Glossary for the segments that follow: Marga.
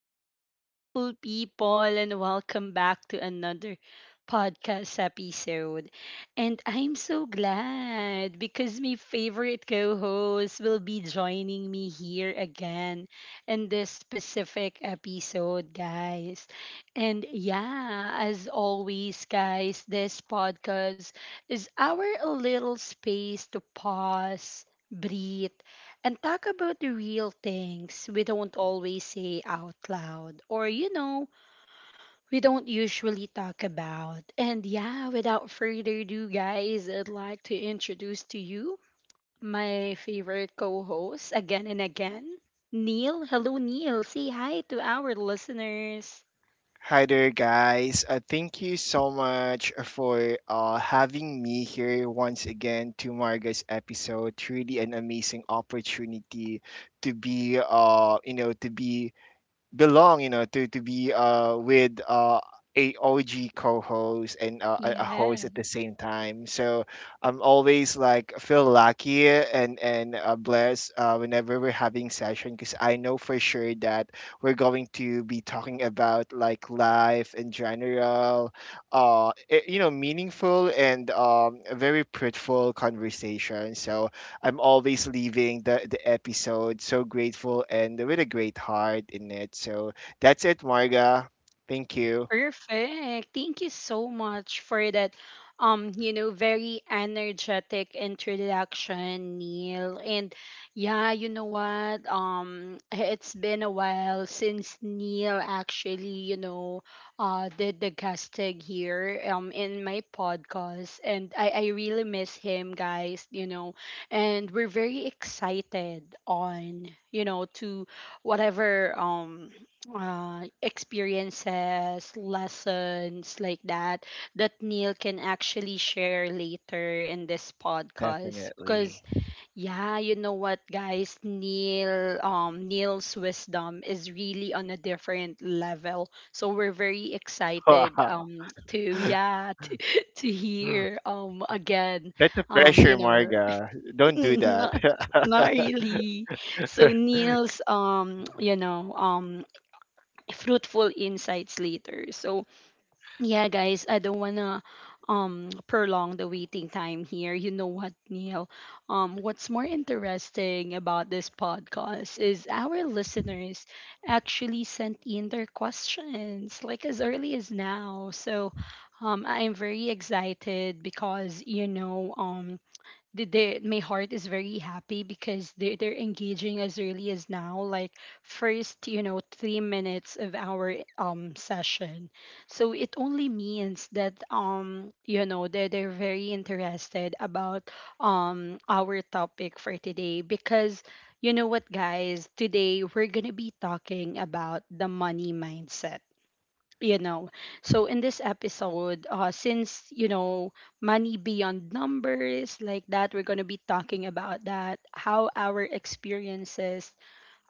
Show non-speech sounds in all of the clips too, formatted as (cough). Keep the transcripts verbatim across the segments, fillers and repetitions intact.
Hello, beautiful people, and welcome back to another podcast episode. And I'm so glad because my favorite co host will be joining me here again in this specific episode, guys. And yeah, as always, guys, this podcast is our little space to pause. Breathe and talk about the real things we don't always say out loud or, you know, we don't usually talk about. And yeah, without further ado, guys, I'd like to introduce to you my favorite co host again and again, Neil. Hello, Neil. Say hi to our listeners. Hi there, guys. Uh, thank you so much for uh, having me here once again to Marga's episode. Truly, an amazing opportunity to be, uh, you know, to be belong you know to to be uh with uh a O G co-host and uh, a a host at the Yes. same time. So I'm always like feel lucky and and uh, blessed uh, whenever we're having session because I know for sure that we're going to be talking about like life in general, uh, i- you know, meaningful and um, a very fruitful conversation. So I'm always leaving the, the episode so grateful and with a great heart in it. So that's it, Marga. Thank you. Perfect. Thank you so much for that um, you know, very energetic introduction, Neil. And yeah, you know what? Um it's been a while since Neil actually, you know, uh did the casting here um in my podcast and I I really miss him, guys, you know. And we're very excited on, you know, to whatever um uh, experiences, lessons like that that Neil can actually share later in this podcast. Definitely. Cause yeah, you know what, guys, Neil, um, Neil's wisdom is really on a different level. So we're very excited, Wow. um, to (laughs) yeah, (laughs) to, to hear, um, again, That's a um, pressure, you know, Marga. (laughs) Don't do that. not not really. So Neil's, um, you know, um, fruitful insights later. So, yeah, guys, I don't wanna um prolong the waiting time here. You know what, Neil? Um, what's more interesting about this podcast is our listeners actually sent in their questions like as early as now. So, um, I'm very excited because you know um the, the my heart is very happy because they they're engaging as early as now, like first, you know, three minutes of our um session. So it only means that um, you know, they're they're very interested about um our topic for today because you know what guys, today we're gonna be talking about the money mindset, you know. So in this episode, uh since you know money beyond numbers like that, we're going to be talking about that, how our experiences,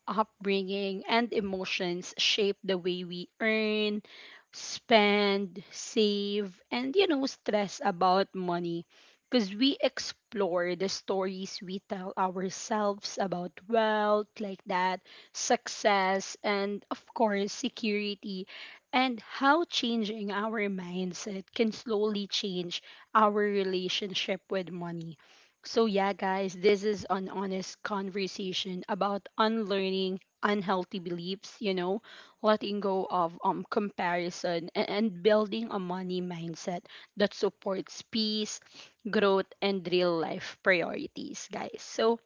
upbringing, and emotions shape the way we earn, spend, save, and you know, stress about money. Because we explore the stories we tell ourselves about wealth, like that, success, and of course, security, and how changing our mindset can slowly change our relationship with money. So, yeah, guys, this is an honest conversation about unlearning unhealthy beliefs, you know, letting go of um, comparison and, and building a money mindset that supports peace, growth, and real life priorities, guys. So,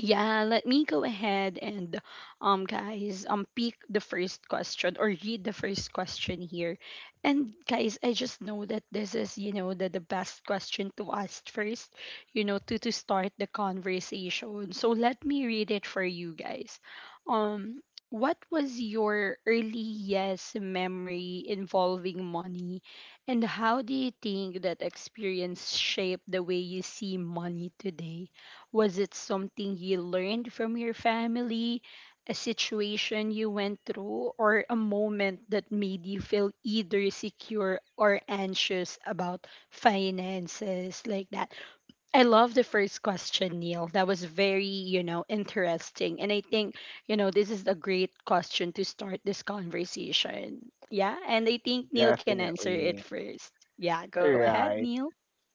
yeah, let me go ahead and um guys, um pick the first question or read the first question here. And guys, I just know that this is, you know, the, the best question to ask first, you know, to to start the conversation. So let me read it for you guys. Um what was your earliest memory involving money and how do you think that experience shaped the way you see money today? Was it something you learned from your family, a situation you went through, or a moment that made you feel either secure or anxious about finances like that? I love the first question, Neil. That was very, you know, interesting. And I think, you know, this is a great question to start this conversation. Yeah. And I think (laughs) Neil can answer it Definitely. first. Yeah. Go ahead, Right. Neil.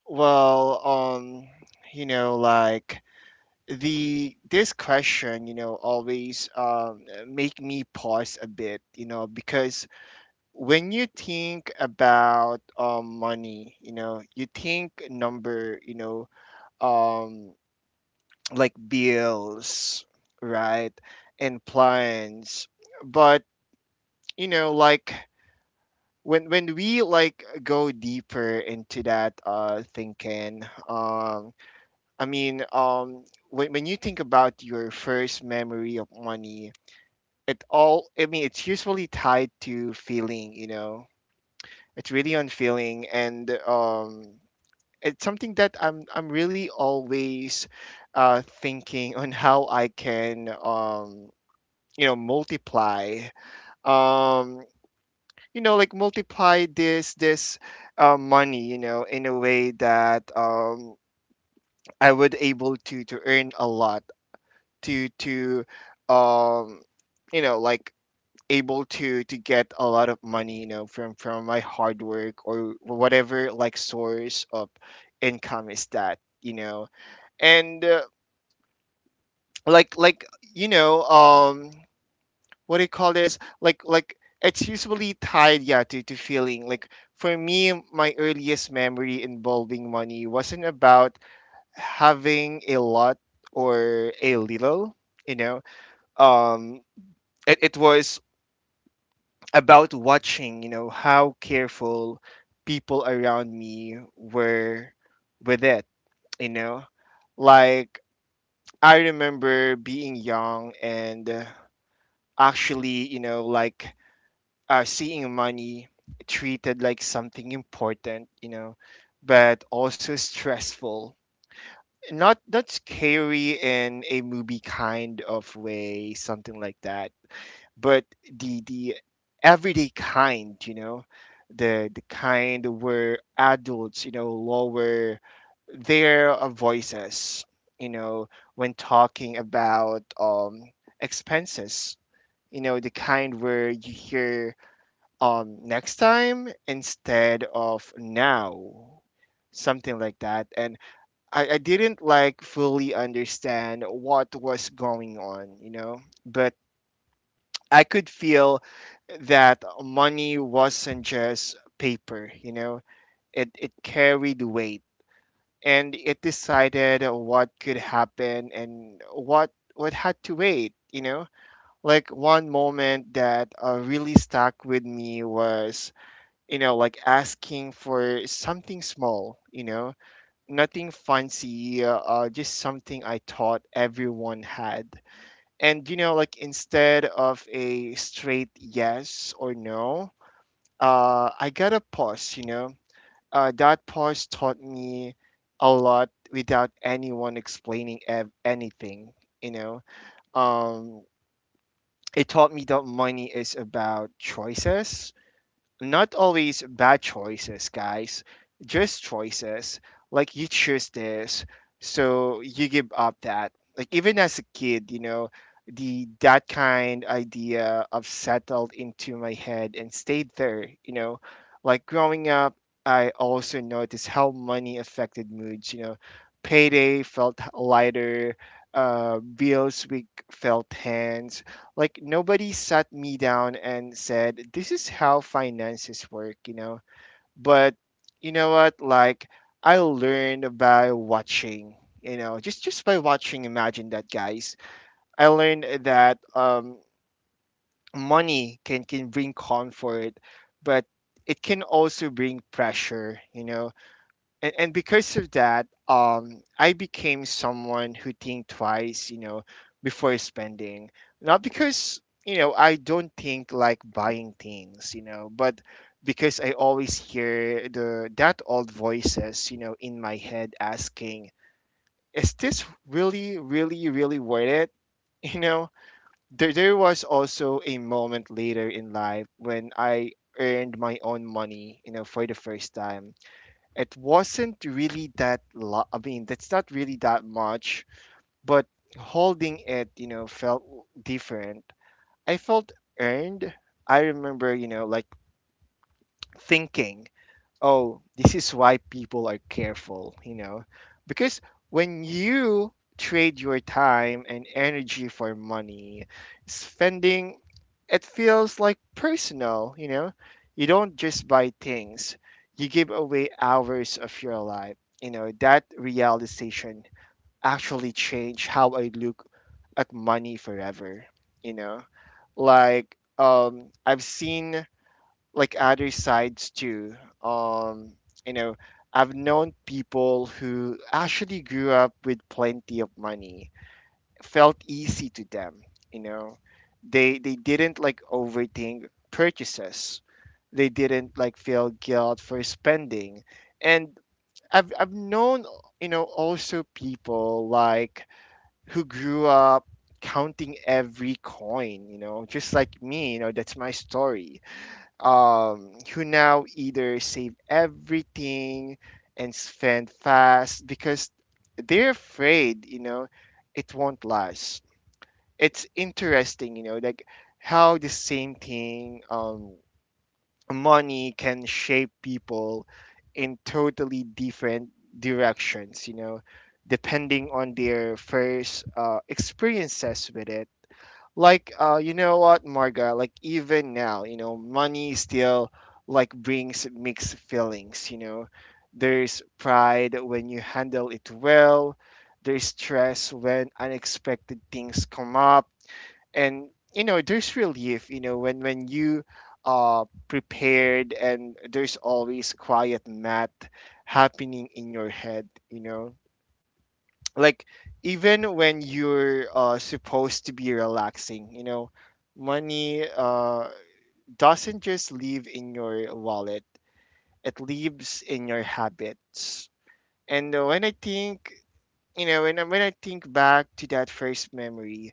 Well, um, you know, like the this question, you know, always um make me pause a bit, you know, because when you think about um, money, you know, you think number, you know, um, like bills, right, and plans. But you know, like when when we like go deeper into that uh, thinking, um, I mean, um, when when you think about your first memory of money. It all, I mean, it's usually tied to feeling, you know. It's really unfeeling, and um, it's something that I'm I'm really always uh, thinking on how I can um, you know multiply um, you know like multiply this this uh, money, you know, in a way that um, I would able to to earn a lot to to um, you know like able to to get a lot of money, you know, from from my hard work or whatever like source of income is that, you know. And uh, like like you know um what do you call this like like it's usually tied, yeah, to, to feeling like for me my earliest memory involving money wasn't about having a lot or a little, you know um it, it was about watching, you know, how careful people around me were with it, you know. Like I remember being young and, uh, actually, you know, like uh, seeing money treated like something important, you know, but also stressful. Not not scary in a movie kind of way, something like that, but the the everyday kind, you know, the the kind where adults, you know, lower their uh, voices, you know, when talking about um expenses. You know, the kind where you hear um next time instead of now. Something like that. And I, I didn't like fully understand what was going on, you know. But I could feel that money wasn't just paper, you know, it, it carried weight and it decided what could happen and what what had to wait, you know. Like one moment that uh, really stuck with me was, you know, like asking for something small, you know, nothing fancy, uh, uh, just something I thought everyone had. And you know like instead of a straight yes or no, uh I got a pause, you know. Uh that pause taught me a lot without anyone explaining ev- anything, you know. um it taught me that money is about choices, not always bad choices, guys, just choices. Like you choose this, so you give up that. Like even as a kid, you know, the that kind idea of settled into my head and stayed there, you know. Like growing up, I also noticed how money affected moods, you know. Payday felt lighter, uh, bills week felt tense. Like nobody sat me down and said this is how finances work, you know. But you know what like I learned by watching, you know, just just by watching, imagine that, guys. I learned that um money can can bring comfort, but it can also bring pressure, you know. And, and because of that, um I became someone who think twice, you know, before spending. Not because, you know, I don't think like buying things, you know, but because I always hear the that old voices, you know, in my head asking, is this really really really worth it? (laughs) You know, there, there was also a moment later in life when I earned my own money, you know, for the first time. It wasn't really that lo- i mean that's not really that much, but holding it, you know, felt different. I felt earned. I remember, you know, like thinking, oh, this is why people are careful, you know, because when you trade your time and energy for money, spending it feels like personal, you know. You don't just buy things, you give away hours of your life. You know, that realization actually changed how I look at money forever, you know. Like um I've seen like other sides too. Um, you know, I've known people who actually grew up with plenty of money. Felt easy to them, you know. They they didn't like overthink purchases. They didn't like feel guilt for spending. And I've I've known, you know, also people like who grew up counting every coin, you know, just like me, you know, that's my story, um, who now either save everything and spend fast because they're afraid, you know, it won't last. It's interesting, you know, like how the same thing, um, money can shape people in totally different directions, you know, depending on their first uh, experiences with it. Like uh you know what, Marga, like even now, you know, money still like brings mixed feelings, you know. There's pride when you handle it well, there's stress when unexpected things come up, and you know, there's relief, you know, when when you are prepared. And there's always quiet math happening in your head, you know, like even when you're, uh, supposed to be relaxing, you know. Money uh, doesn't just live in your wallet, it lives in your habits. And uh, when I think, you know when I, when I think back to that first memory,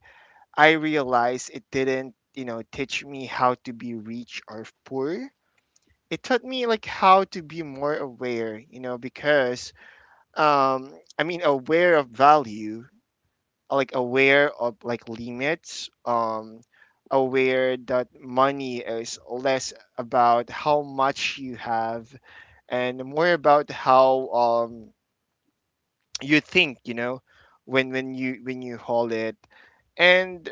I realize it didn't, you know, teach me how to be rich or poor, it taught me like how to be more aware, you know, because um I mean aware of value, like aware of like limits, um aware that money is less about how much you have and more about how, um you think, you know, when when you when you hold it. And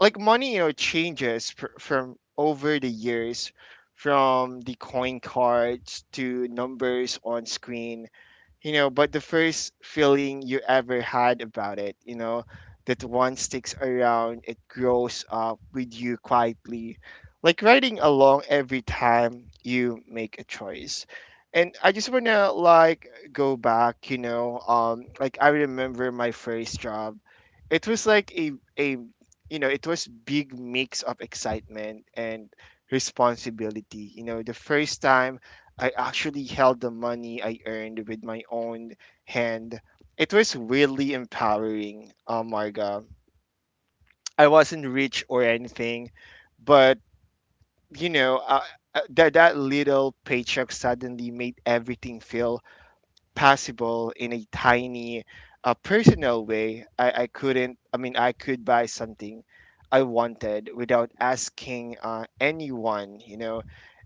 like money, you know, changes fr- from over the years, from the coin cards to numbers on screen, you know, but the first feeling you ever had about it, you know, that one sticks around, it grows up with you quietly, like riding along every time you make a choice. And I just want to like go back, you know, um, like I remember my first job. It was like a, a, you know, it was big mix of excitement and responsibility. You know, the first time I actually held the money I earned with my own hand. It was really empowering, uh, Marga. I wasn't rich or anything, but you know, uh, uh, that that little paycheck suddenly made everything feel possible in a tiny, uh, personal way. I, I couldn't. I mean, I could buy something I wanted without asking uh, anyone. You know,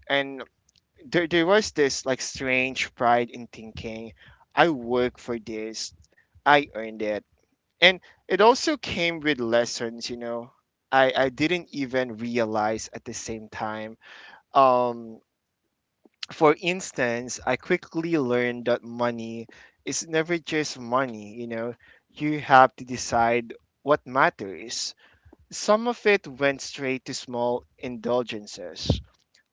and there there was this like strange pride in thinking I work for this, I earned it. And it also came with lessons, you know. I, I didn't even realize at the same time. Um for instance, I quickly learned that money is never just money, you know. You have to decide what matters. Some of it went straight to small indulgences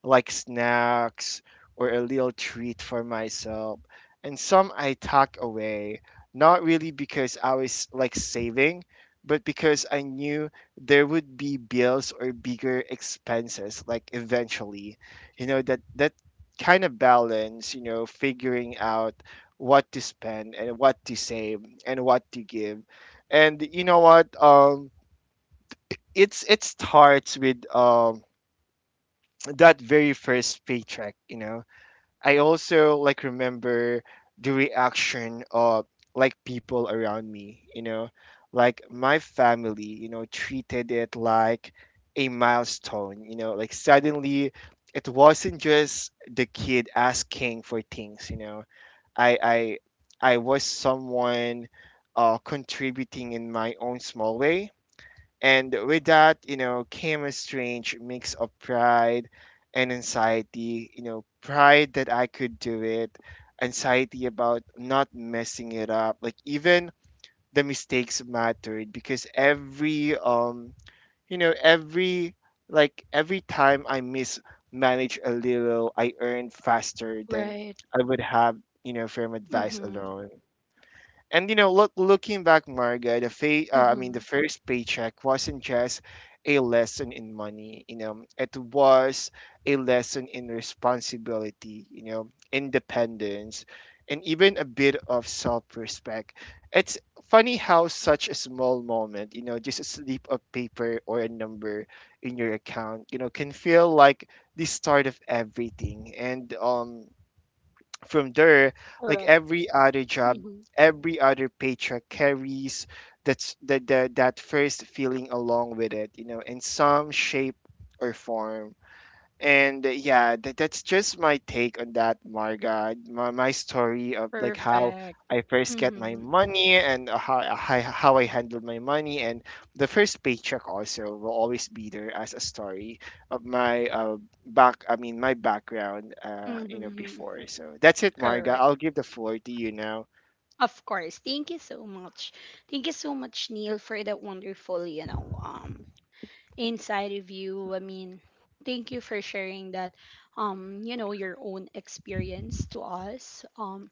like snacks or a little treat for myself. And some I tuck away, not really because I was like saving, but because I knew there would be bills or bigger expenses like eventually. You know, that that kind of balance, you know, figuring out what to spend and what to save and what to give. And you know what? Um it's it starts with um that very first paycheck, you know. I also like remember the reaction of like people around me, you know, like my family, you know, treated it like a milestone, you know, like suddenly it wasn't just the kid asking for things, you know. I I I was someone uh contributing in my own small way. And with that, you know, came a strange mix of pride and anxiety. You know, pride that I could do it, anxiety about not messing it up. Like even the mistakes mattered because every um, you know, every like every time I mismanage a little, I earn faster than Right. I would have, you know, from advice Mm-hmm. alone. And you know, look, looking back, Marga, the fa- uh, I mean, Mm-hmm. the first paycheck wasn't just a lesson in money. You know, it was a lesson in responsibility. You know, independence, and even a bit of self-respect. It's funny how such a small moment, you know, just a slip of paper or a number in your account, you know, can feel like the start of everything. And um, From there, like every other job, Correct. every other paycheck carries that's that that that first feeling along with it, you know, in some shape or form. And uh, Yeah, that, that's just my take on that, Marga. My, my story of like how Perfect. I first get my Mm-hmm. money, and uh, how, how how I handle my money. And the first paycheck also will always be there as a story of my uh, back. I mean my background, uh, you know, Mm-hmm. before. So that's it, Marga. Correct. I'll give the floor to you now. Of course. Thank you so much. Thank you so much, Neil, for that wonderful, you know, um, inside review. I mean, thank you for sharing that, um, you know, your own experience to us. Um,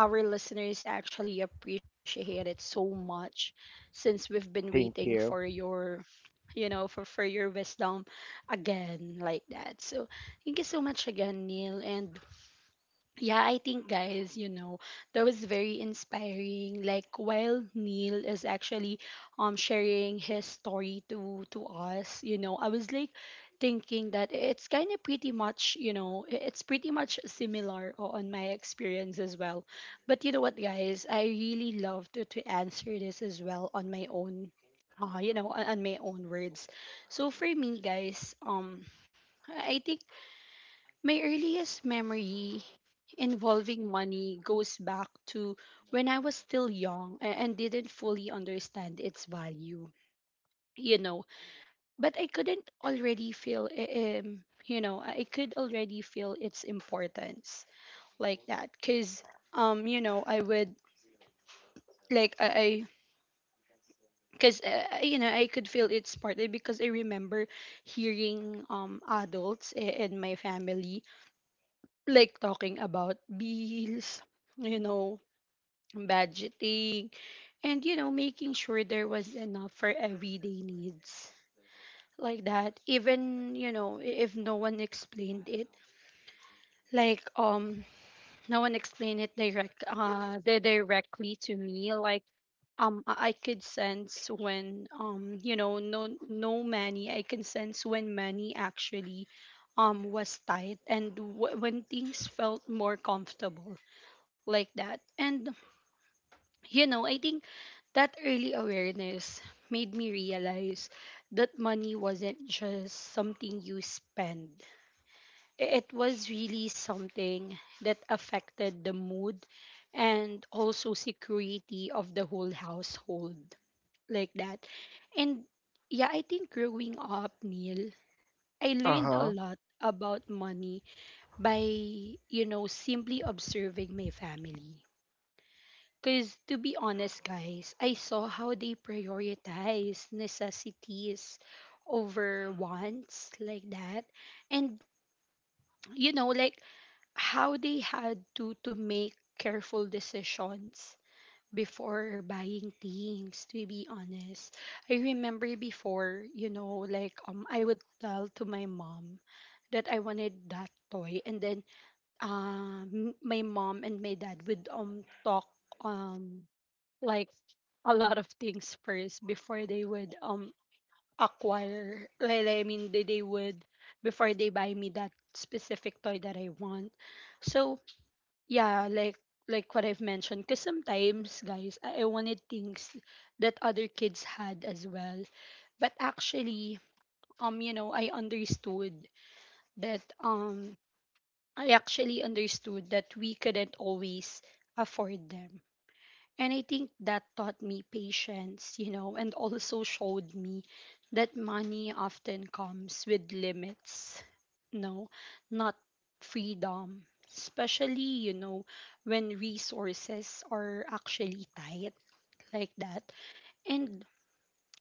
our listeners actually appreciate it so much since we've been waiting Thank for you. your, you know, for, for your wisdom again like that. So thank you so much again, Neil. And yeah, I think guys, you know, that was very inspiring. Like while Neil is actually um sharing his story to to us, you know, I was like thinking that it's kind of pretty much, you know, i- it's pretty much similar o- on my experience as well. But you know what, guys, I really love to to answer this as well on my own uh, you know, on, on my own words. So for me, guys, um, I I think my earliest memory involving money goes back to when I was still young a- and didn't fully understand its value, you know. But I couldn't already feel, i- um, you know, I could already feel its importance like that. Cause, um, you know, I would like I, I cause uh, you know I could feel its partly because I remember hearing um adults i- in my family like talking about bills, (laughs) you know, budgeting, and you know, making sure there was enough for everyday needs. Like that, even you know, i- if no one explained it, like um, no one explained it direct, uh, di- directly to me. Like um, I I could sense when um, you know, no, no money. I can sense when money actually um was tight and w- when things felt more comfortable like that. And you know, I think that early awareness made me realize that money wasn't just something you spend. I- It was really something that affected the mood and also security of the whole household like that. And yeah, I think growing up, Neil, I Uh learned a huh. lot about money by, you know, simply observing my family. Because to be honest, guys, I saw how they prioritize necessities over wants like that. And you know, like how they had to to make careful decisions before buying things, to be honest. I remember before, you know, like um I would tell to my mom that I wanted that toy and then um my mom and my dad would um talk um like a lot of things first before they would um acquire, well I mean they, they would before they buy me that specific toy that I want. So yeah, like like what I've mentioned, because sometimes guys I, I wanted things that other kids had as well, but actually um you know I understood that um I actually understood that we couldn't always afford them. And I think that taught me patience, you know, and also showed me that money often comes with limits, no, not freedom, especially, you know, when resources are actually tight like that. And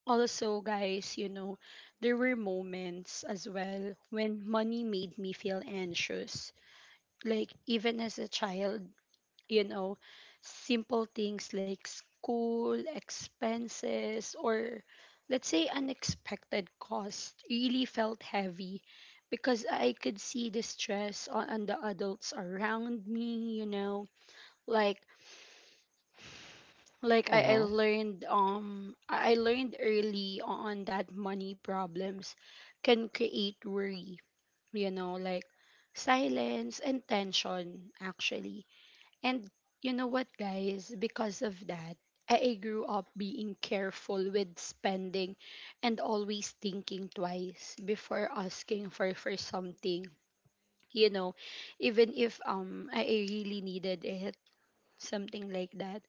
also, guys, you know, there were moments as well when money made me feel anxious. Like, even as a child, you know, simple things like school expenses or let's say unexpected cost really felt heavy because I could see the stress on, on the adults around me, you know. Like like I, I Mhm. learned um I I learned early on that money problems can create worry, you know, like silence and tension actually. And you know what, guys? Because of that, I I grew up being careful with spending and always thinking twice before asking for, for something. You know, even if um I I really needed it, something like that.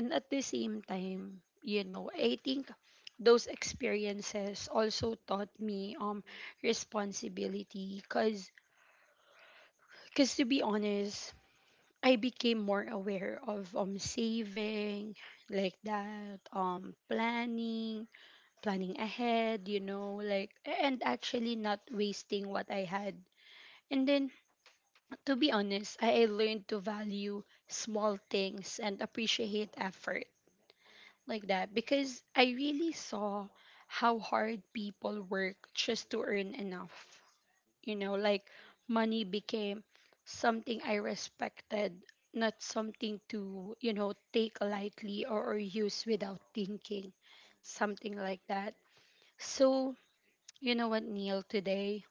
And at the same time, you know, I think those experiences also taught me um responsibility because because to be honest I became more aware of um saving like that, um planning planning ahead you know, like a- and actually not wasting what I had. And then to be honest, I, I learned to value small things and appreciate effort like that, because I really saw how hard people work just to earn enough, you know. Like money became something I respected, not something to you know take lightly or, or use without thinking, something like that. So you know what Neil, today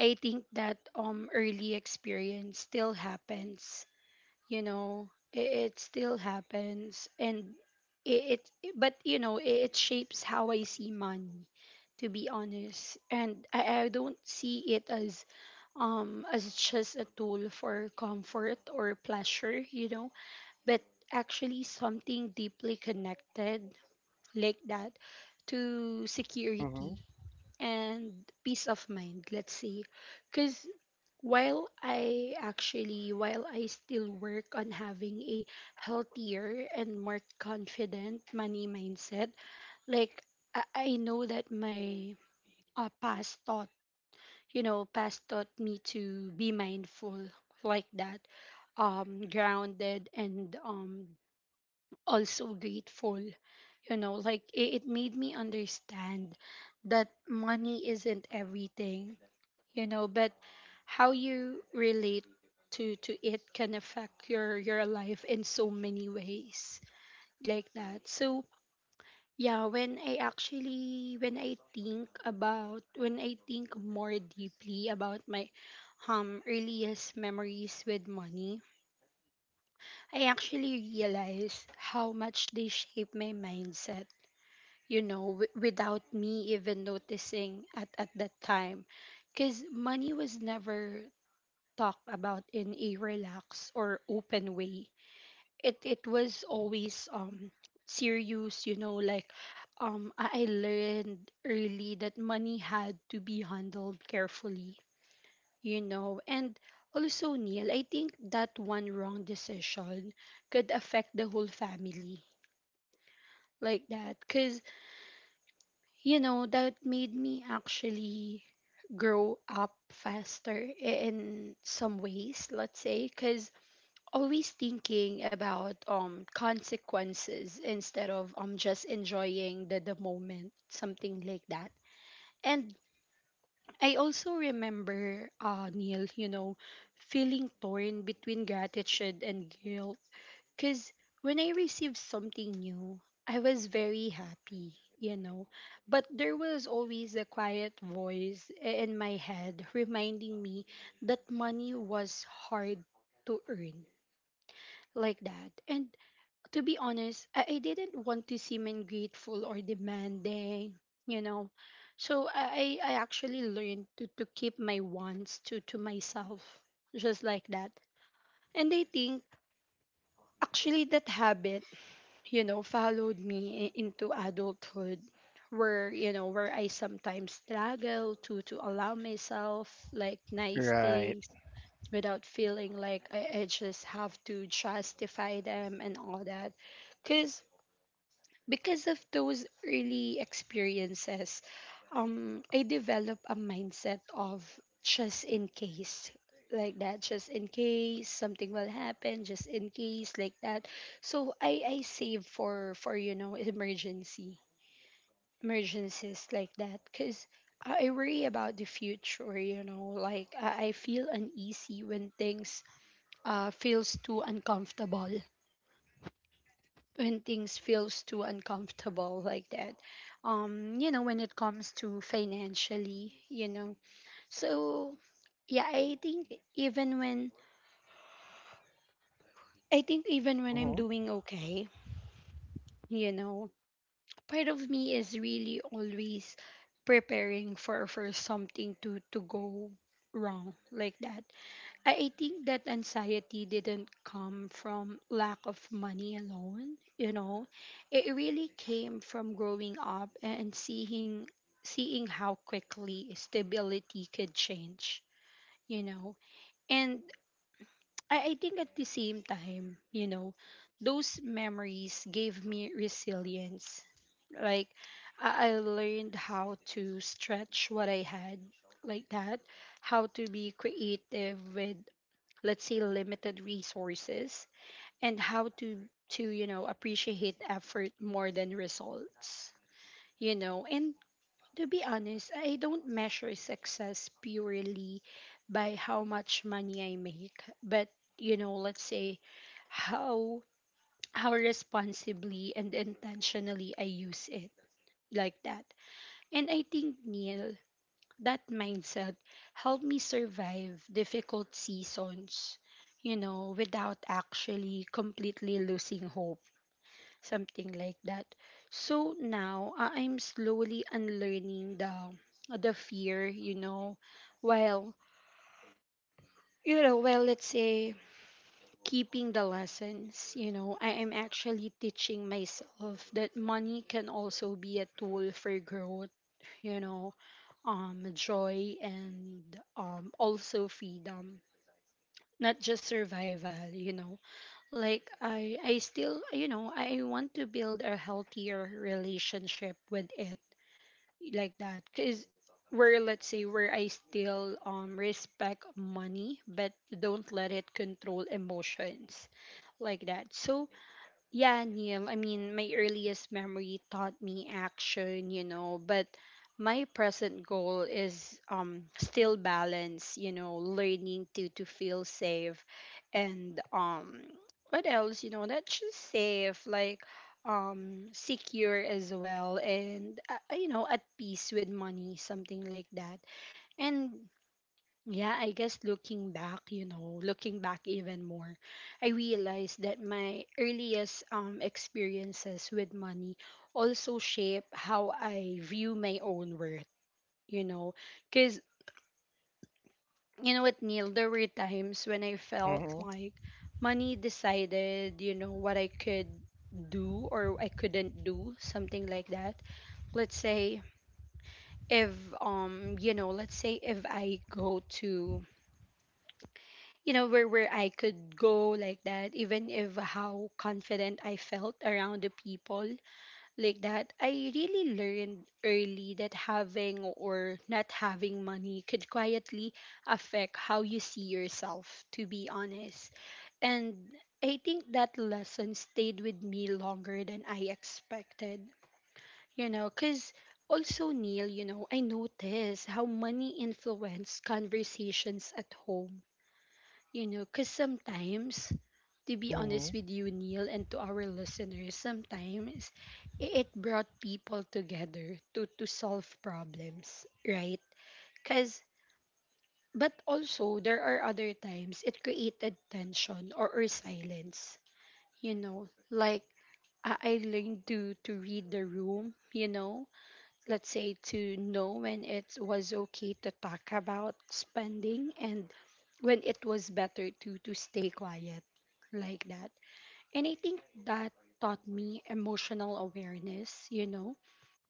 I think that um early experience still happens, you know, it, it still happens and it, it but you know it, it shapes how I see money to be honest, and I, I don't see it as um as just a tool for comfort or pleasure you know, but actually something deeply connected like that to Mhm. security and peace of mind, let's say. Because while I actually, while I still work on having a healthier and more confident money mindset, like I, I know that my uh, past taught, you know, past taught me to be mindful like that, um, grounded and um, also grateful. You know, like it, it made me understand that money isn't everything, you know, but how you relate to to it can affect your your life in so many ways like that. So yeah, when I actually when I think about when I think more deeply about my um earliest memories with money, I actually realize how much they shape my mindset you know, w- without me even noticing at, at that time. Because money was never talked about in a relaxed or open way. It, it was always um serious, you know, like um, I I learned early that money had to be handled carefully, you know. And also, Neil, I think that one wrong decision could affect the whole family like that. Because You know, that made me actually grow up faster in some ways, let's say, because always thinking about um consequences instead of um just enjoying the, the moment, something like that. And I also remember, uh, Neil, you know, feeling torn between gratitude and guilt because when I received something new, I was very happy, you know. But there was always a quiet voice i- in my head reminding me that money was hard to earn. Like that. And to be honest, I, I didn't want to seem ungrateful or demanding, you know. So I, I I actually learned to, to keep my wants to, to myself, just like that. And I think actually that habit, you know, followed me i- into adulthood where, you know, where I sometimes struggle to to allow myself like nice Right. things without feeling like I, I just have to justify them and all that. Cause Because of those early experiences, um I develop a mindset of just in case, like that, just in case something will happen, just in case, like that. So I I save for for you know, emergency emergencies, like that, cuz I I worry about the future, you know. Like I I feel uneasy when things uh feels too uncomfortable. When things feels too uncomfortable, like that, um you know, when it comes to financially, you know. So yeah, I think even when I think even when I'm Mhm. doing okay, you know, part of me is really always preparing for for something to to go wrong, like that. I, I think that anxiety didn't come from lack of money alone, you know. It really came from growing up and seeing seeing how quickly stability could change, you know. And I, I think at the same time, you know, those memories gave me resilience. Like, I, I learned how to stretch what I had, like that, how to be creative with, let's say, limited resources, and how to, to you know, appreciate effort more than results, you know. And to be honest, I don't measure success purely by how much money I make, but, you know, let's say how how responsibly and intentionally I use it, like that. And I think, Neil, that mindset helped me survive difficult seasons, you know, without actually completely losing hope, something like that. So now I- I'm slowly unlearning the the fear, you know, while, you know, well, let's say keeping the lessons, you know, I am actually teaching myself that money can also be a tool for growth, you know, um, joy, and um, also freedom, not just survival, you know. Like i i still, you know, I want to build a healthier relationship with it, like that, because where, let's say, where I still um respect money but don't let it control emotions, like that. So yeah, Neil, I mean, my earliest memory taught me action, you know, but my present goal is um still balance, you know, learning to to feel safe, and um what else, you know, not just safe like um secure as well, and uh, uh, you know, at peace with money, something like that. And yeah, I guess looking back, you know, looking back even more, I realized that my earliest um experiences with money also shape how I view my own worth, you know, cuz you know what, Neil, there were times when I felt Mhm. like money decided, you know, what I could do or I couldn't do, something like that. Let's say if um you know, let's say if I go to, you know, where where I could go, like that, even if how confident I felt around the people, like that. I really learned early that having or not having money could quietly affect how you see yourself, to be honest. And I think that lesson stayed with me longer than I expected. You know, because also, Neil, you know, I notice how money influence conversations at home. You know, because sometimes, to be honest Mhm. with you, Neil, and to our listeners, sometimes i- it brought people together to, to solve problems, right? Because, but also, there are other times it created tension or, or silence. You know, like I I learned to, to read the room, you know, let's say to know when it was okay to talk about spending and when it was better to to stay quiet, like that. And I think that taught me emotional awareness, you know,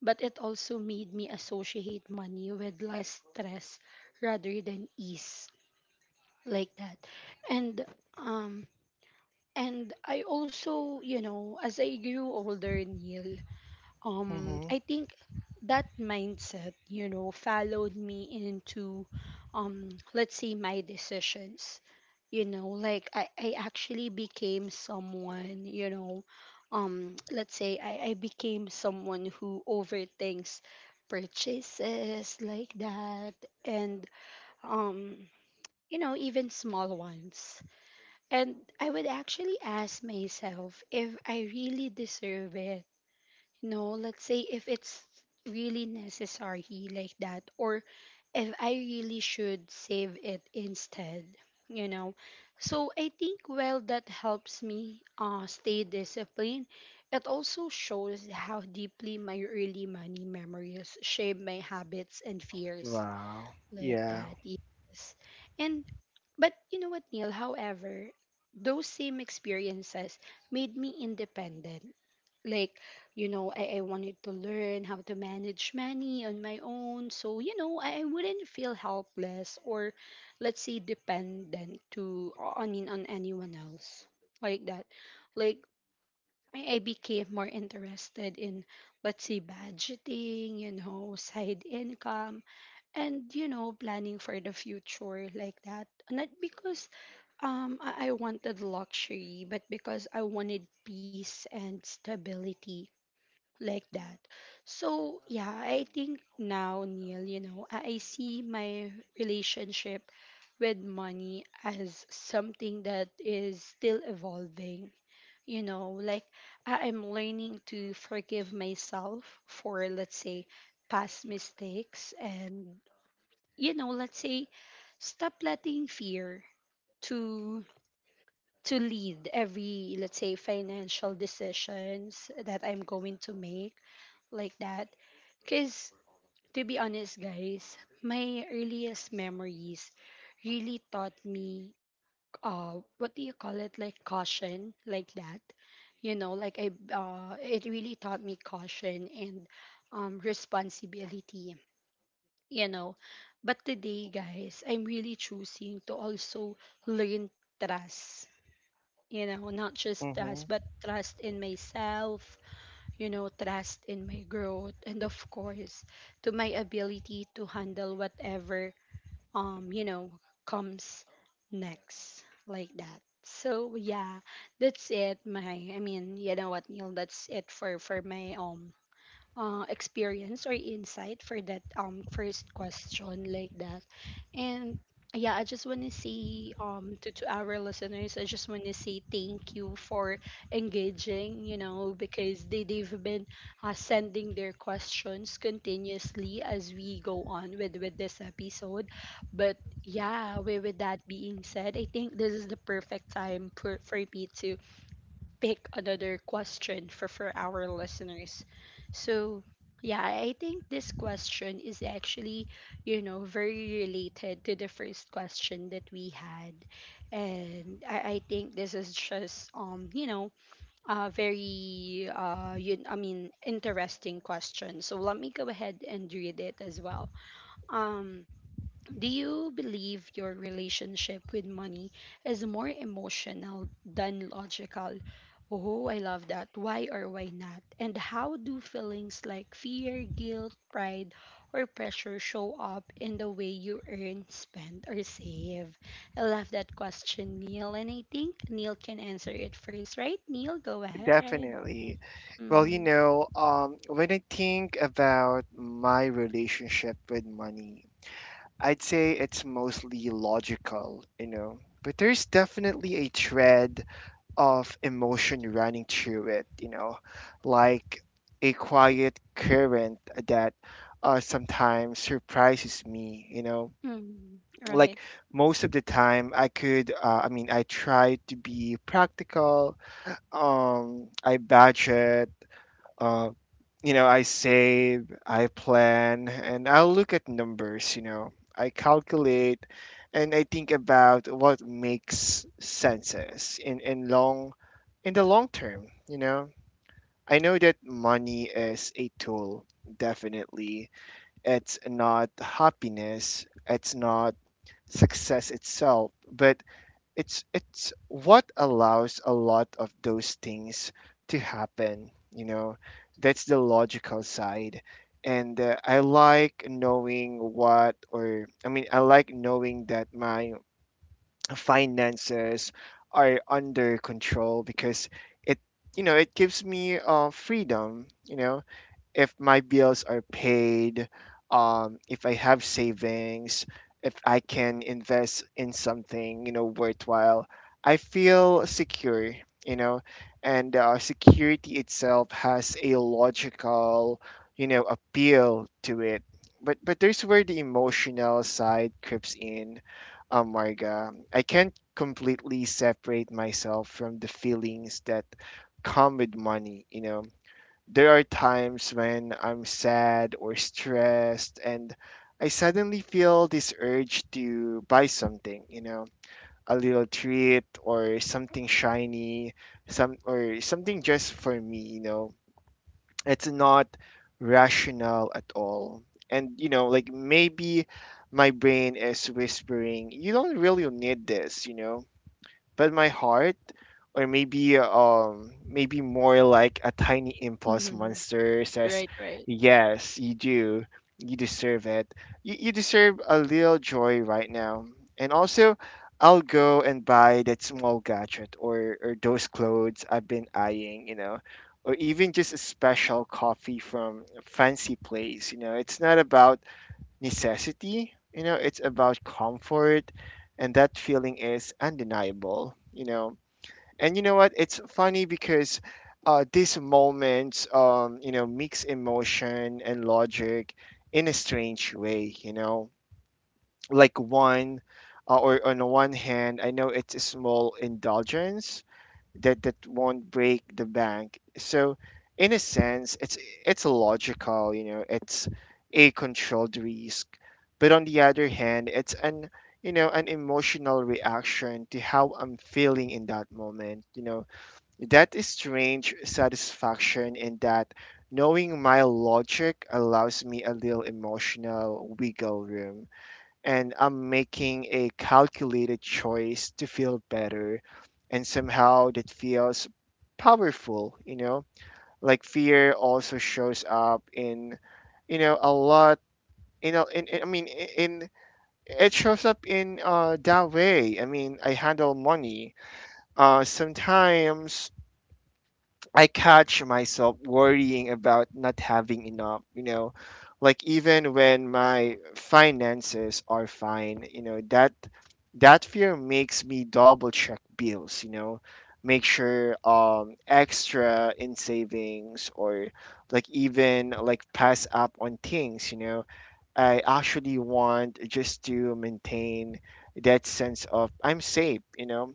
but it also made me associate money with less stress rather than ease, like that. And um and I also, you know, as I grew older, Neil, um I Mhm. think that mindset, you know, followed me into um let's say my decisions. You know, like I, I actually became someone, you know, um let's say I, I became someone who overthinks purchases, like that, and um you know, even small ones. And I would actually ask myself if I really deserve it. No, let's say if it's really necessary, like that, or if I really should save it instead, you know. So I think while that helps me uh, stay disciplined, it also shows how deeply my early money memories shape my habits and fears. Wow. Like Yeah. that, yes. And but you know what, Neil? However, those same experiences made me independent. Like, you know, I, I wanted to learn how to manage money on my own. So, you know, I, I wouldn't feel helpless or, let's say, dependent to I mean on anyone else. Like that. Like I, I became more interested in, let's say, budgeting, you know, side income, and, you know, planning for the future, like that, not because um I-, I wanted luxury but because I wanted peace and stability, like that. So yeah, I think now, Neil, you know, i, I see my relationship with money as something that is still evolving, you know. Like I- I'm learning to forgive myself for, let's say, past mistakes, and, you know, let's say stop letting fear to to lead every, let's say, financial decisions that I'm going to make, like that. Cuz To be honest, guys, my earliest memories really taught me uh what do you call it, like caution, like that. You know, like I uh it really taught me caution and um responsibility, you know. But today, guys, I'm really choosing to also learn trust. You know, not just trust, Mhm. but trust in myself, you know, trust in my growth, and, of course, to my ability to handle whatever, um, you know, comes next, like that. So yeah, that's it. My, I mean, you know what, Neil? That's it for for my um uh, experience or insight for that um first question, like that. And yeah, I just want to say um to, to our listeners, I just want to say thank you for engaging, you know, because they, they've been uh, sending their questions continuously as we go on with with this episode. But yeah, with, with that being said, I think this is the perfect time for, for me to pick another question for, for our listeners. So, yeah, I think this question is actually, you know, very related to the first question that we had. And I, I think this is just, um, you know, a very, uh, you, I mean, interesting question. So let me go ahead and read it as well. Um, do you believe your relationship with money is more emotional than logical? Oh, I love that. Why or why not? And how do feelings like fear, guilt, pride, or pressure show up in the way you earn, spend, or save? I love that question, Neil. And I think Neil can answer it first, right? Neil, go ahead. Definitely. Well, you Mm-hmm. know, um, when I think about my relationship with money, I'd say it's mostly logical, you know, but there's definitely a thread of emotion running through it, you know, like a quiet current that uh, sometimes surprises me, you know. Mm-hmm. Right. Like most of the time, I could, uh, I mean, I try to be practical. Um, I budget, uh, you know, I save, I plan, and I'll look at numbers, you know. I calculate and I think about what makes senses in, in long in the long term, you know. I know that money is a tool, definitely. It's not happiness, it's not success itself, but it's it's what allows a lot of those things to happen, you know. That's the logical side. And uh, I like knowing what or I mean I like knowing that my finances are under control, because it, you know, it gives me uh freedom, you know. If my bills are paid, um, if I have savings, if I can invest in something, you know, worthwhile, I feel secure, you know. And uh, security itself has a logical, you know, appeal to it. But but there's where the emotional side creeps in, um, Marga. I can't completely separate myself from the feelings that come with money, you know. There are times when I'm sad or stressed, and I suddenly feel this urge to buy something, you know, a little treat or something shiny, some or something just for me, you know. It's not rational at all. And you know, like maybe my brain is whispering, you don't really need this, you know. But my heart, or maybe um maybe more like a tiny impulse Mm-hmm. monster says, Right, right. yes you do, you deserve it, you, you deserve a little joy right now. And also, I'll go and buy that small gadget, or or those clothes I've been eyeing, you know, or even just a special coffee from a fancy place. You know, it's not about necessity. You know, it's about comfort, and that feeling is undeniable. You know, and you know what? It's funny because uh, these moments, um, you know, mix emotion and logic in a strange way. You know, like one, uh, or on the one hand, I know it's a small indulgence that that won't break the bank. So in a sense, it's it's logical, you know, it's a controlled risk. But on the other hand, it's an you know, an emotional reaction to how I'm feeling in that moment. You know, that is strange satisfaction in that, knowing my logic allows me a little emotional wiggle room and I'm making a calculated choice to feel better. And somehow that feels powerful, you know? Like fear also shows up in, you know, a lot, you know, in, in- I mean, i- in, it shows up in uh, that way. I mean, I handle money. Uh, sometimes I catch myself worrying about not having enough, you know, like even when my finances are fine. You know, that that fear makes me double check bills, you know, make sure um extra in savings, or like even like pass up on things, you know, I actually want, just to maintain that sense of I'm safe. You know,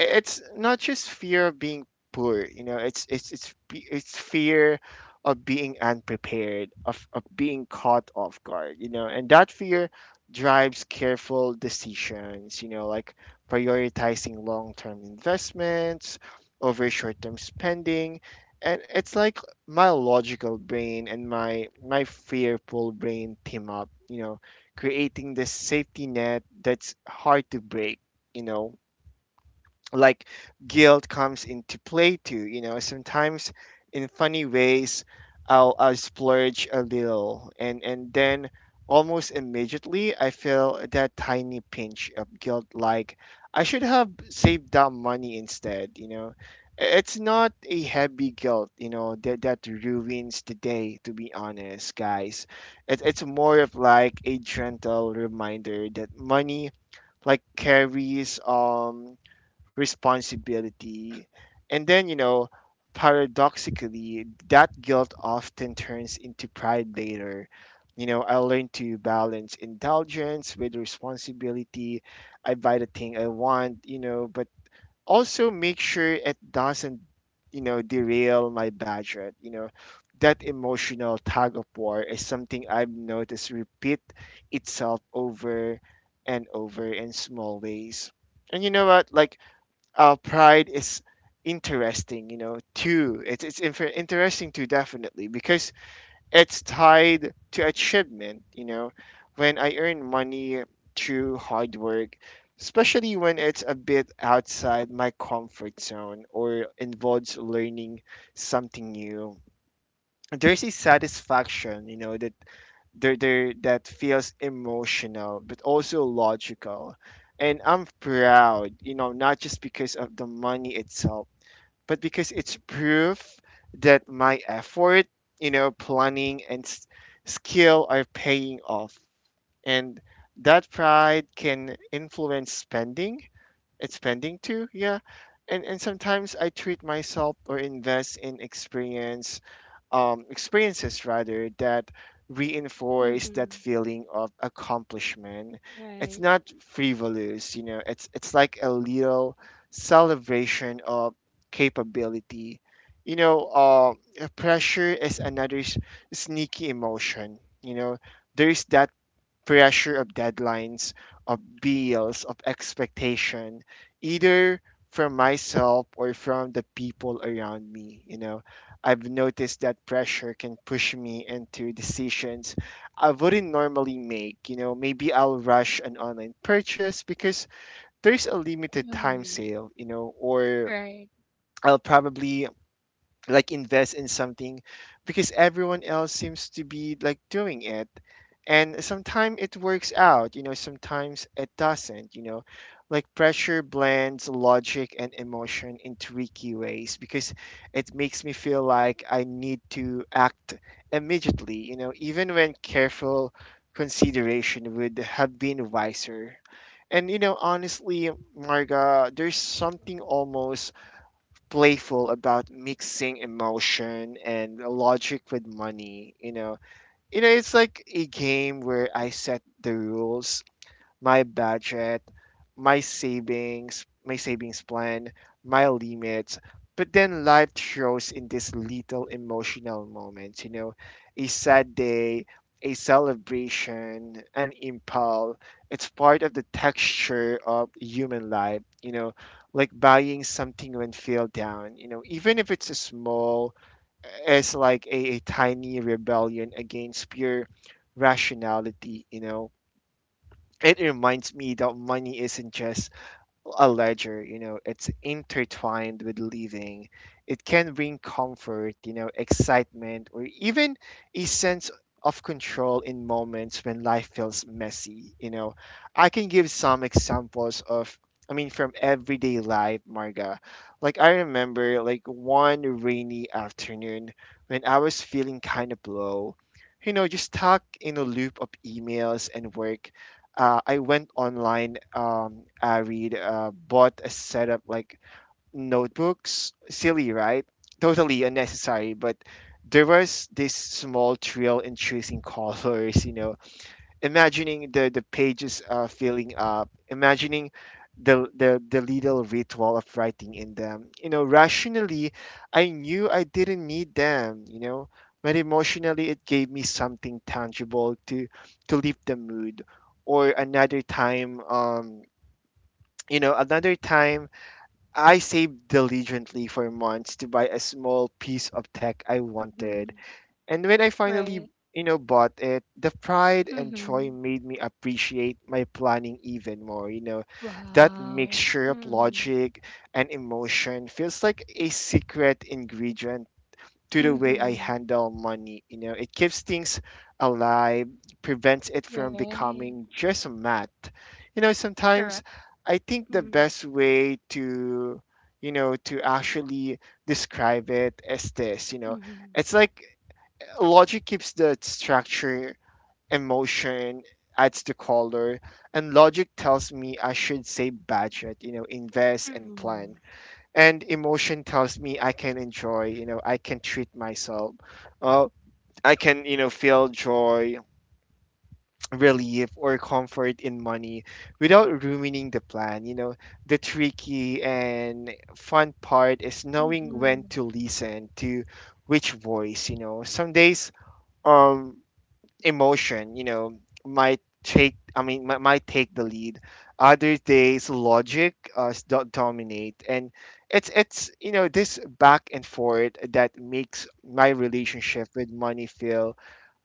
I- it's not just fear of being poor, you know, it's it's it's fe- it's fear of being unprepared, of of being caught off guard, you know. And that fear drives careful decisions, you know, like prioritizing long-term investments over short-term spending. And it's like my logical brain and my my fearful brain team up, you know, creating this safety net that's hard to break, you know. Like guilt comes into play too, you know, sometimes in funny ways. I'll i'll splurge a little, and and then almost immediately I feel that tiny pinch of guilt, like I should have saved that money instead, you know. I- it's not a heavy guilt, you know, that that ruins the day, to be honest, guys. It, it's more of like a gentle reminder that money like carries um responsibility. And then, you know, paradoxically, that guilt often turns into pride later. You know, I learned to balance indulgence with responsibility. I buy the thing I want, you know, but also make sure it doesn't, you know, derail my budget. You know, that emotional tug of war is something I've noticed repeat itself over and over in small ways. And you know what, like, uh, pride is interesting, you know, too. it's, it's infer- interesting too, definitely, because it's tied to achievement. You know, when I earn money through hard work, especially when it's a bit outside my comfort zone or involves learning something new, there's a satisfaction, you know, that there there that feels emotional but also logical. And I'm proud, you know, not just because of the money itself, but because it's proof that my effort, you know, planning and s- skill are paying off. And that pride can influence spending. It's spending too, yeah. And and sometimes I treat myself or invest in experience um, experiences rather, that reinforce that Mm-hmm. feeling of accomplishment. It's Right. not frivolous, you know. It's it's like a little celebration of capability. You know, uh, pressure is another s- sneaky emotion. You know, there's that pressure of deadlines, of bills, of expectation, either from myself or from the people around me. You know, I've noticed that pressure can push me into decisions I wouldn't normally make. You know, maybe I'll rush an online purchase because there's a limited time Mm-hmm. sale, you know, or Right. I'll probably like invest in something because everyone else seems to be like doing it. And sometimes it works out, you know, sometimes it doesn't, you know. Like pressure blends logic and emotion in tricky ways because it makes me feel like I need to act immediately, you know, even when careful consideration would have been wiser. And you know, honestly, Marga, there's something almost playful about mixing emotion and logic with money, you know. You know, it's like a game where I set the rules: my budget, my savings, my savings plan, my limits. But then life shows in these little emotional moments, you know, a sad day, a celebration, an impulse. It's part of the texture of human life, you know, like buying something when feel down, you know, even if it's a small, as like a, a tiny rebellion against pure rationality. You know, it reminds me that money isn't just a ledger, you know, it's intertwined with living. It can bring comfort, you know, excitement, or even a sense of control in moments when life feels messy, you know. I can give some examples of, I mean, from everyday life, Marga. Like, I remember, like, one rainy afternoon when I was feeling kind of low, you know, just stuck in a loop of emails and work. uh, I went online. Um, I read, uh, bought a set of like notebooks. Silly, right? Totally unnecessary, but there was this small thrill in choosing (laughs) colors. You know, imagining the the pages, uh, filling up, imagining the, the the little ritual of writing in them. You know, rationally, I knew I didn't need them. You know, but emotionally, it gave me something tangible to to lift the mood. Or another time, um, you know, another time I saved diligently for months to buy a small piece of tech I wanted, Mhm. and when I finally, Right. you know, bought it, the pride and joy Mhm. made me appreciate my planning even more. You know, that Wow. mixture of Mhm. logic and emotion feels like a secret ingredient to the way I Mhm. handle money. You know, it keeps things alive, prevents it from Right. becoming just math. You know, Correct. sometimes I think the Mhm. best way to, you know, to actually describe it is this, you know, Mhm. it's like logic keeps the structure, emotion adds the color. And logic tells me I should save, budget, you know, invest and Mhm. plan. And emotion tells me I can enjoy, you know, I can treat myself. Uh, I can, you know, feel joy, relief, or comfort in money without ruining the plan. You know, the tricky and fun part is knowing when Mhm. to listen to which voice, you know. Some days, um emotion, you know, might take. I mean, might, might take the lead. Other days, logic uh, s- do- dominate. And it's it's you know, this back and forth that makes my relationship with money feel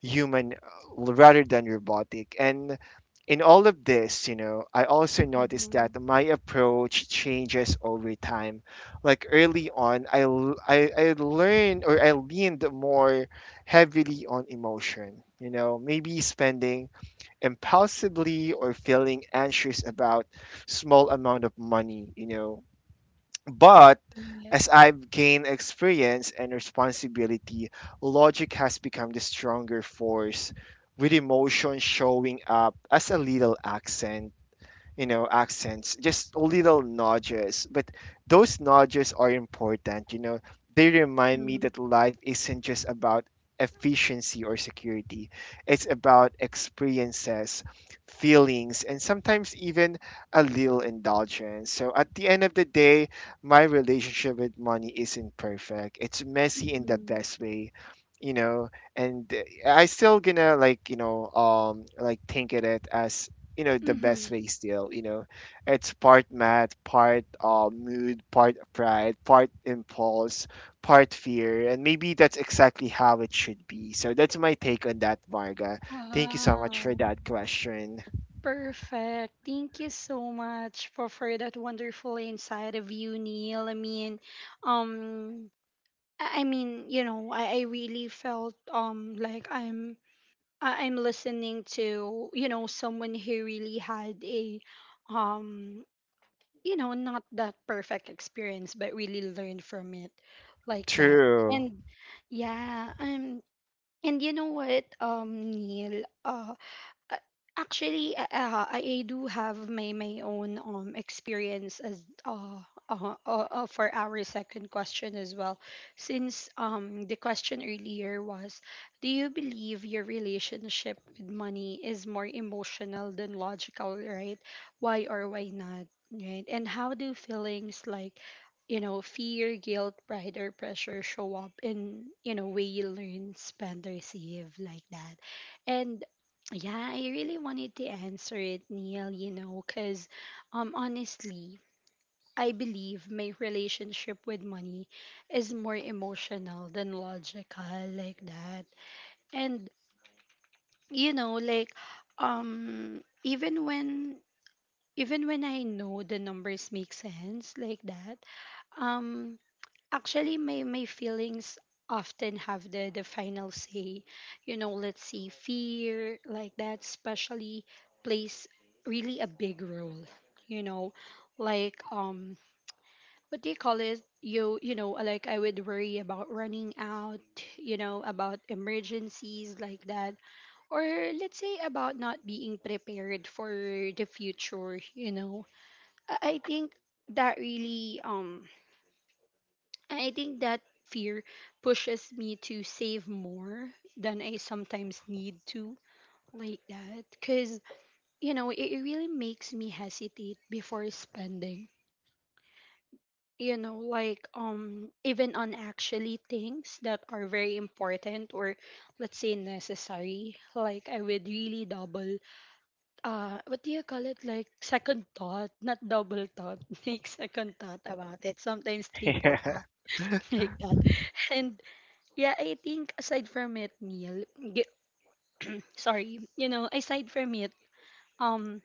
human, uh, rather than robotic. And in all of this, you know, I also noticed Mhm. that my approach changes over time. Like early on, I l- I, I learned, or I leaned more heavily on emotion. You know, maybe spending impulsively or feeling anxious about small amount of money, you know. But Right. as I've gained experience and responsibility, logic has become the stronger force, with emotion showing up as a little accent. You know, accents just little nudges. But those nudges are important, you know. They remind me Mhm. that life isn't just about efficiency or security, it's about experiences, feelings, and sometimes even a little indulgence. So at the end of the day, my relationship with money isn't perfect. It's messy, in the Mhm. best way, you know. And uh, I still gonna like you know um like think at it as, you know, the best Mhm. way still, you know. It's part math, part uh, mood, part pride, part impulse, part fear. And maybe that's exactly how it should be. So that's my take on that, varga. Thank you so much for Wow. that question. Perfect. Thank you so much for for that wonderful insight of you, Neil. I mean, um I I mean, you know, I, I really felt um like I'm I- I'm listening to, you know, someone who really had a um, you know, not that perfect experience but really learned from it, like that. True. And yeah, um and you know what, um Neil, uh uh, actually, uh, uh, I I do have my my own um experience as uh, uh, uh, uh, for our second question as well. Since um the question earlier was, do you believe your relationship with money is more emotional than logical, right? Why or why not, right? And how do feelings like, you know, fear, guilt, pride, or pressure show up in, you know, way you learn, spend, receive, like that? And yeah, I really wanted to answer it, Neil, you know, because um, honestly, I believe my relationship with money is more emotional than logical, like that. And you know like um even when even when I know the numbers make sense like that um actually my my feelings often have the the final say. You know, let's say fear like that, especially plays really a big role. You know, like um what do you call it you you know like I would worry about running out, you know, about emergencies like that, or let's say about not being prepared for the future. you know i I think that really, um I I think that fear pushes me to save more than I sometimes need to, like that. Cuz you know, it, it really makes me hesitate before spending. You know, like um even on actually things that are very important or let's say necessary. Like I would really double, uh what do you call it like second thought, not double thought, (laughs) like second thought about it, sometimes (laughs) triple Yeah. thought. (laughs) Like that. And yeah, I think aside from it, Neil, gu- (clears throat) sorry, you know, aside from it, um,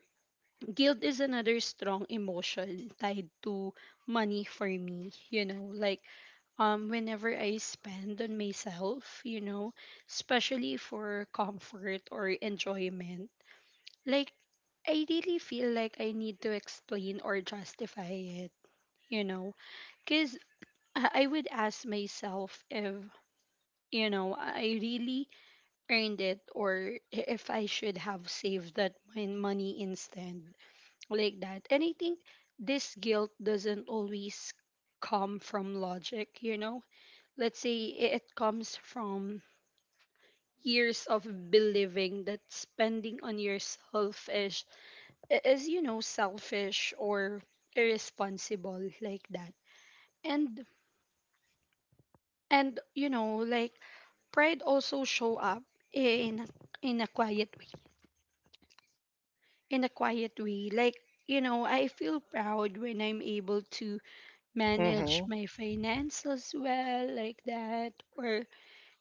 guilt is another strong emotion tied to money for me, you know. Like um whenever I spend on myself, you know, especially for comfort or enjoyment, like I really feel like I need to explain or justify it, you know, cuz I I would ask myself if, you know, I really earned it or i- if I should have saved that mon- money instead, like that. And I think this guilt doesn't always come from logic, you know? Let's say i- it comes from years of believing that spending on yourself is, i- is, you know, selfish or irresponsible, like that. And and you know like pride also show up in in a quiet way in a quiet way. Like, you know, I feel proud when I'm able to manage Mhm. my finances well, like that, or,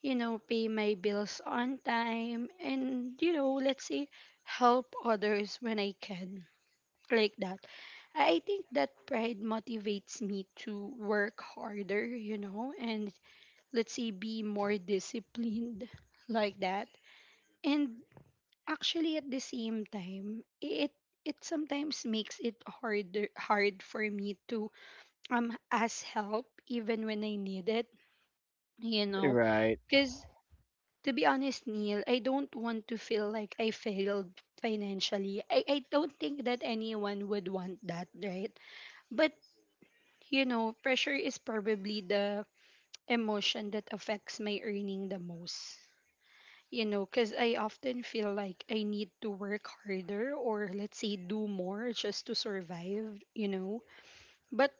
you know, pay my bills on time and, you know, let's say help others when I can, like that. I think that pride motivates me to work harder, you know, and let's say be more disciplined, like that. And actually, at the same time, it it sometimes makes it harder hard for me to um ask help even when I need it, you know, Right. because to be honest, Neil, I don't want to feel like I failed financially. I, I don't think that anyone would want that, right? But, you know, pressure is probably the emotion that affects my earning the most. You know, because I often feel like I need to work harder or let's say do more just to survive, you know. But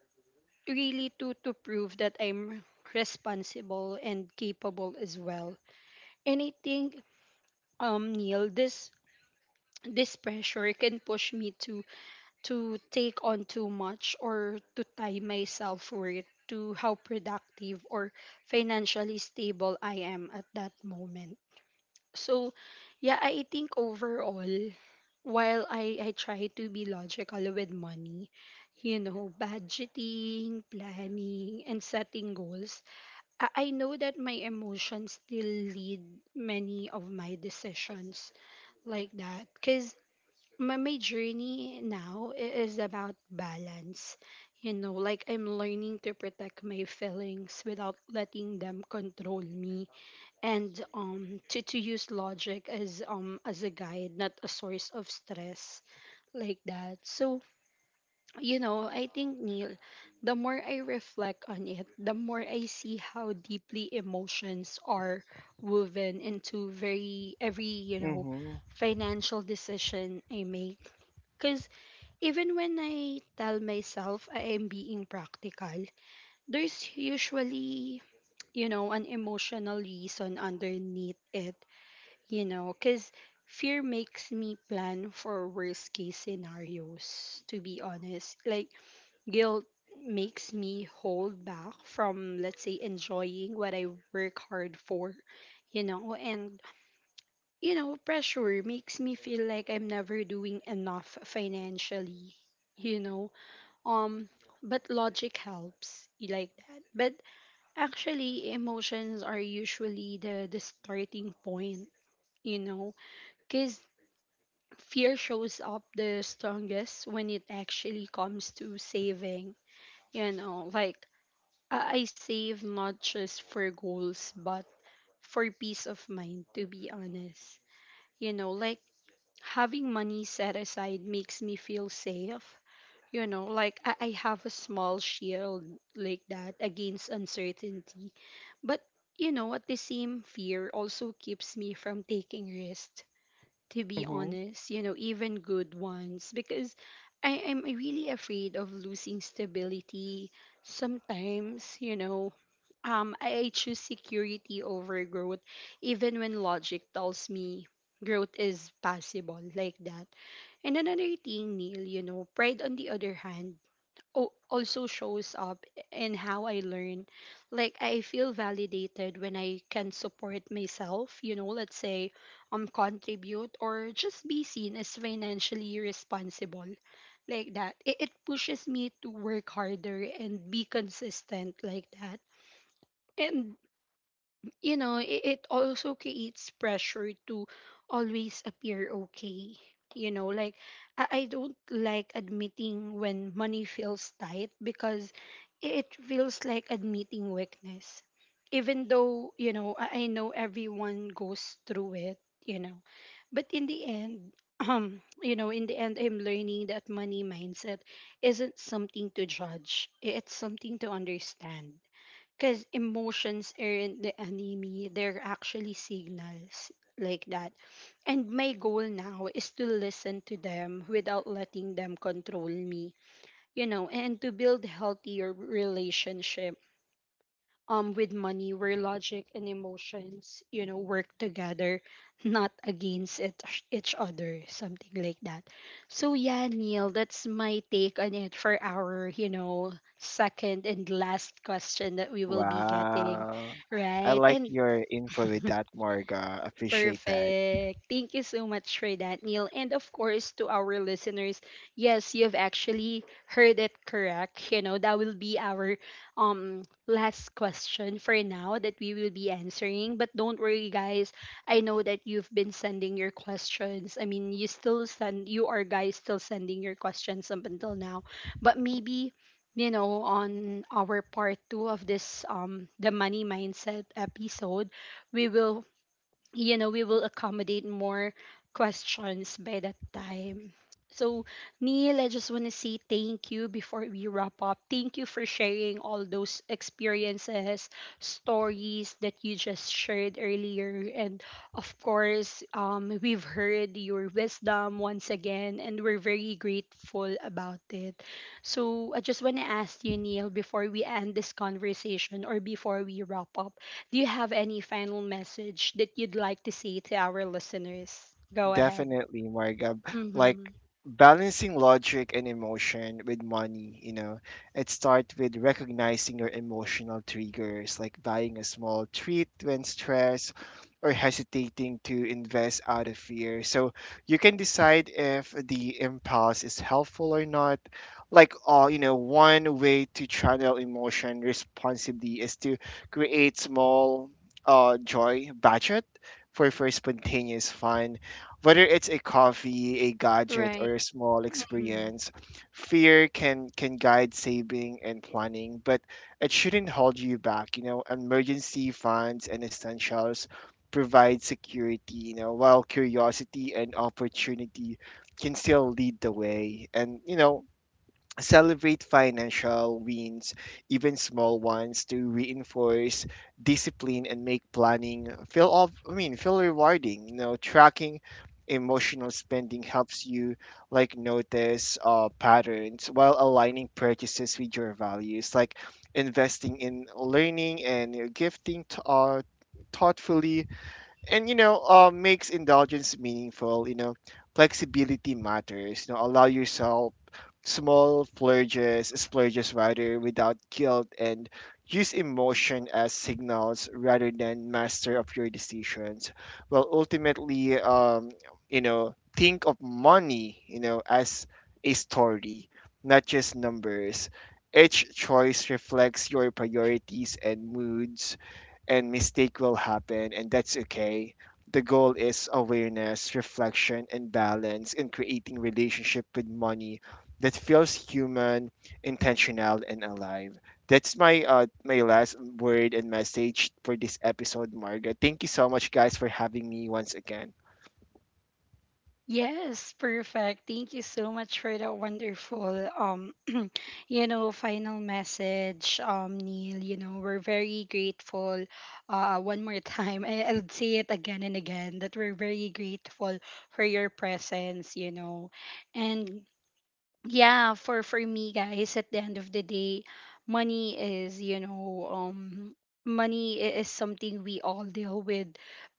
really to to prove that I'm responsible and capable as well. And I think, um Neil, this this pressure can push me to to take on too much or to tie my self worth to how productive or financially stable I am at that moment. So, yeah, I think overall, while I, I try to be logical with money, you know, budgeting, planning, and setting goals, I I know that my emotions still lead many of my decisions, like that. Because my, my journey now i- is about balance. You know, like I'm learning to protect my feelings without letting them control me, and um to, to use logic as um as a guide, not a source of stress, like that. So, you know, I think, Neil, the more I reflect on it, the more I see how deeply emotions are woven into very every, you know, Mhm. financial decision I make. Because even when I tell myself I am being practical, there's usually, you know, an emotional reason underneath it, you know, because fear makes me plan for worst case scenarios, to be honest. Like, guilt makes me hold back from, let's say, enjoying what I work hard for, you know, and, you know, pressure makes me feel like I'm never doing enough financially, you know. Um, but logic helps, you like that. But actually, emotions are usually the, the starting point, you know, because fear shows up the strongest when it actually comes to saving. You know, like I I save not just for goals, but for peace of mind, to be honest. You know, like having money set aside makes me feel safe. You know, like I, I have a small shield, like that, against uncertainty. But, you know, at the same fear also keeps me from taking risks, to be Mhm. honest, you know, even good ones, because I am really afraid of losing stability. Sometimes, you know, um, I I choose security over growth, even when logic tells me growth is possible, like that. And another thing, Neil, you know, pride on the other hand o- also shows up in how I learn. Like I feel validated when I can support myself, you know, let's say um contribute or just be seen as financially responsible. Like that. It, it pushes me to work harder and be consistent, like that. And you know, it, it also creates pressure to always appear okay. You know, like I, I don't like admitting when money feels tight because it it feels like admitting weakness. Even though, you know, I, I know everyone goes through it, you know. But in the end, (clears throat) um, you know, in the end, I'm learning that money mindset isn't something to judge, it's something to understand, because emotions aren't the enemy, they're actually signals, like that. And my goal now is to listen to them without letting them control me, you know, and to build healthier relationship um with money where logic and emotions, you know, work together, not against it, each other, something like that. So yeah, Neil, that's my take on it for our, you know, second and last question that we will be getting Wow. I right. like And your info with that, Marga, appreciate that. perfect. Thank you so much for that, Neil. And of course, to our listeners, yes, you've actually heard it correct. You know, that will be our um last question for now that we will be answering. But don't worry, guys. I know that you've been sending your questions. I mean, you still send you are guys still sending your questions up until now. But maybe, you know, on our part two of this um the money mindset episode, we will, you know, we will accommodate more questions by that time. So, Neil, I just want to say thank you before we wrap up. Thank you for sharing all those experiences, stories that you just shared earlier. And of course, um, we've heard your wisdom once again, and we're very grateful about it. So, I just want to ask you, Neil, before we end this conversation or before we wrap up, do you have any final message that you'd like to say to our listeners? Go ahead. Definitely, Marga. Mm-hmm. Like balancing logic and emotion with money, you know, it starts with recognizing your emotional triggers, like buying a small treat when stressed or hesitating to invest out of fear, so you can decide if the impulse is helpful or not. Like, uh, you know, one way to channel emotion responsibly is to create small, uh, joy budget for, for spontaneous fun, whether it's a coffee, a gadget, Right. or a small Mm-hmm. experience. Fear can can guide saving and planning, but it shouldn't hold you back. You know, emergency funds and essentials provide security, you know, while curiosity and opportunity can still lead the way. And you know, celebrate financial wins, even small ones, to reinforce discipline and make planning feel off. I mean feel rewarding. You know, tracking emotional spending helps you like notice uh, patterns, while aligning purchases with your values, like investing in learning and gifting t- uh, thoughtfully, and you know, uh, makes indulgence meaningful, you know. Flexibility matters, you know. Allow yourself small splurges splurges rather, without guilt, and use emotion as signals rather than master of your decisions. Well, ultimately, um, you know, think of money, you know, as a story, not just numbers. Each choice reflects your priorities and moods, and mistake will happen, and that's okay. The goal is awareness, reflection, and balance in creating relationship with money that feels human, intentional, and alive. That's my uh my last word and message for this episode, Marga. Thank you so much, guys, for having me once again. Yes, perfect. Thank you so much for that wonderful um (clears throat) you know final message, um Neil, you know, we're very grateful uh one more time. I, I'll say it again and again that we're very grateful for your presence, you know. And yeah, for for me guys, at the end of the day, money is, you know, um money i- is something we all deal with,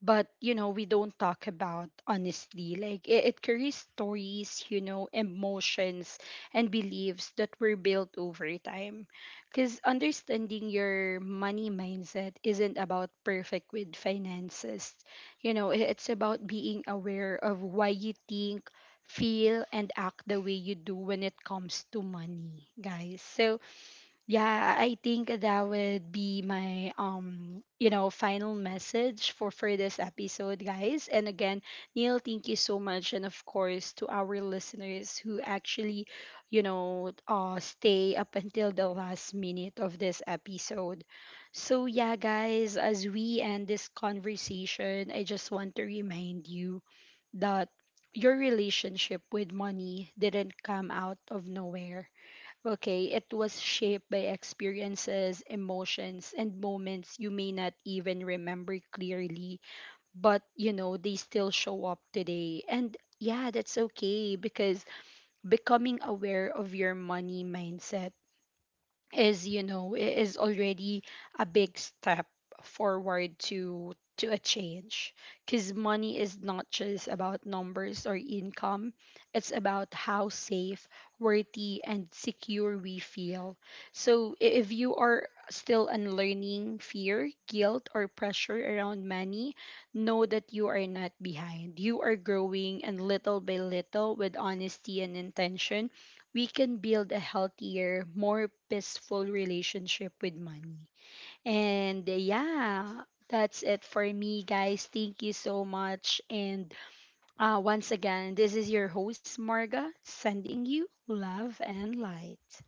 but you know, we don't talk about honestly. Like it, it carries stories, you know, emotions and beliefs that were built over time. Because understanding your money mindset isn't about perfect with finances. You know, i- it's about being aware of why you think, feel and act the way you do when it comes to money, guys. So, yeah, I think that would be my, um, you know, final message for for this episode, guys. And again, Neil, thank you so much, and of course to our listeners who actually, you know, uh, stay up until the last minute of this episode. So yeah, guys, as we end this conversation, I just want to remind you that your relationship with money didn't come out of nowhere. Okay, it was shaped by experiences, emotions, and moments you may not even remember clearly, but you know, they still show up today. And yeah, that's okay, because becoming aware of your money mindset is, you know, i- is already a big step forward to to a change, because money is not just about numbers or income, it's about how safe, worthy and secure we feel. So i- if you are still unlearning fear, guilt or pressure around money, know that you are not behind, you are growing, and little by little, with honesty and intention, we can build a healthier, more peaceful relationship with money. And yeah, that's it for me, guys. Thank you so much. And uh, once again, this is your host, Marga, sending you love and light.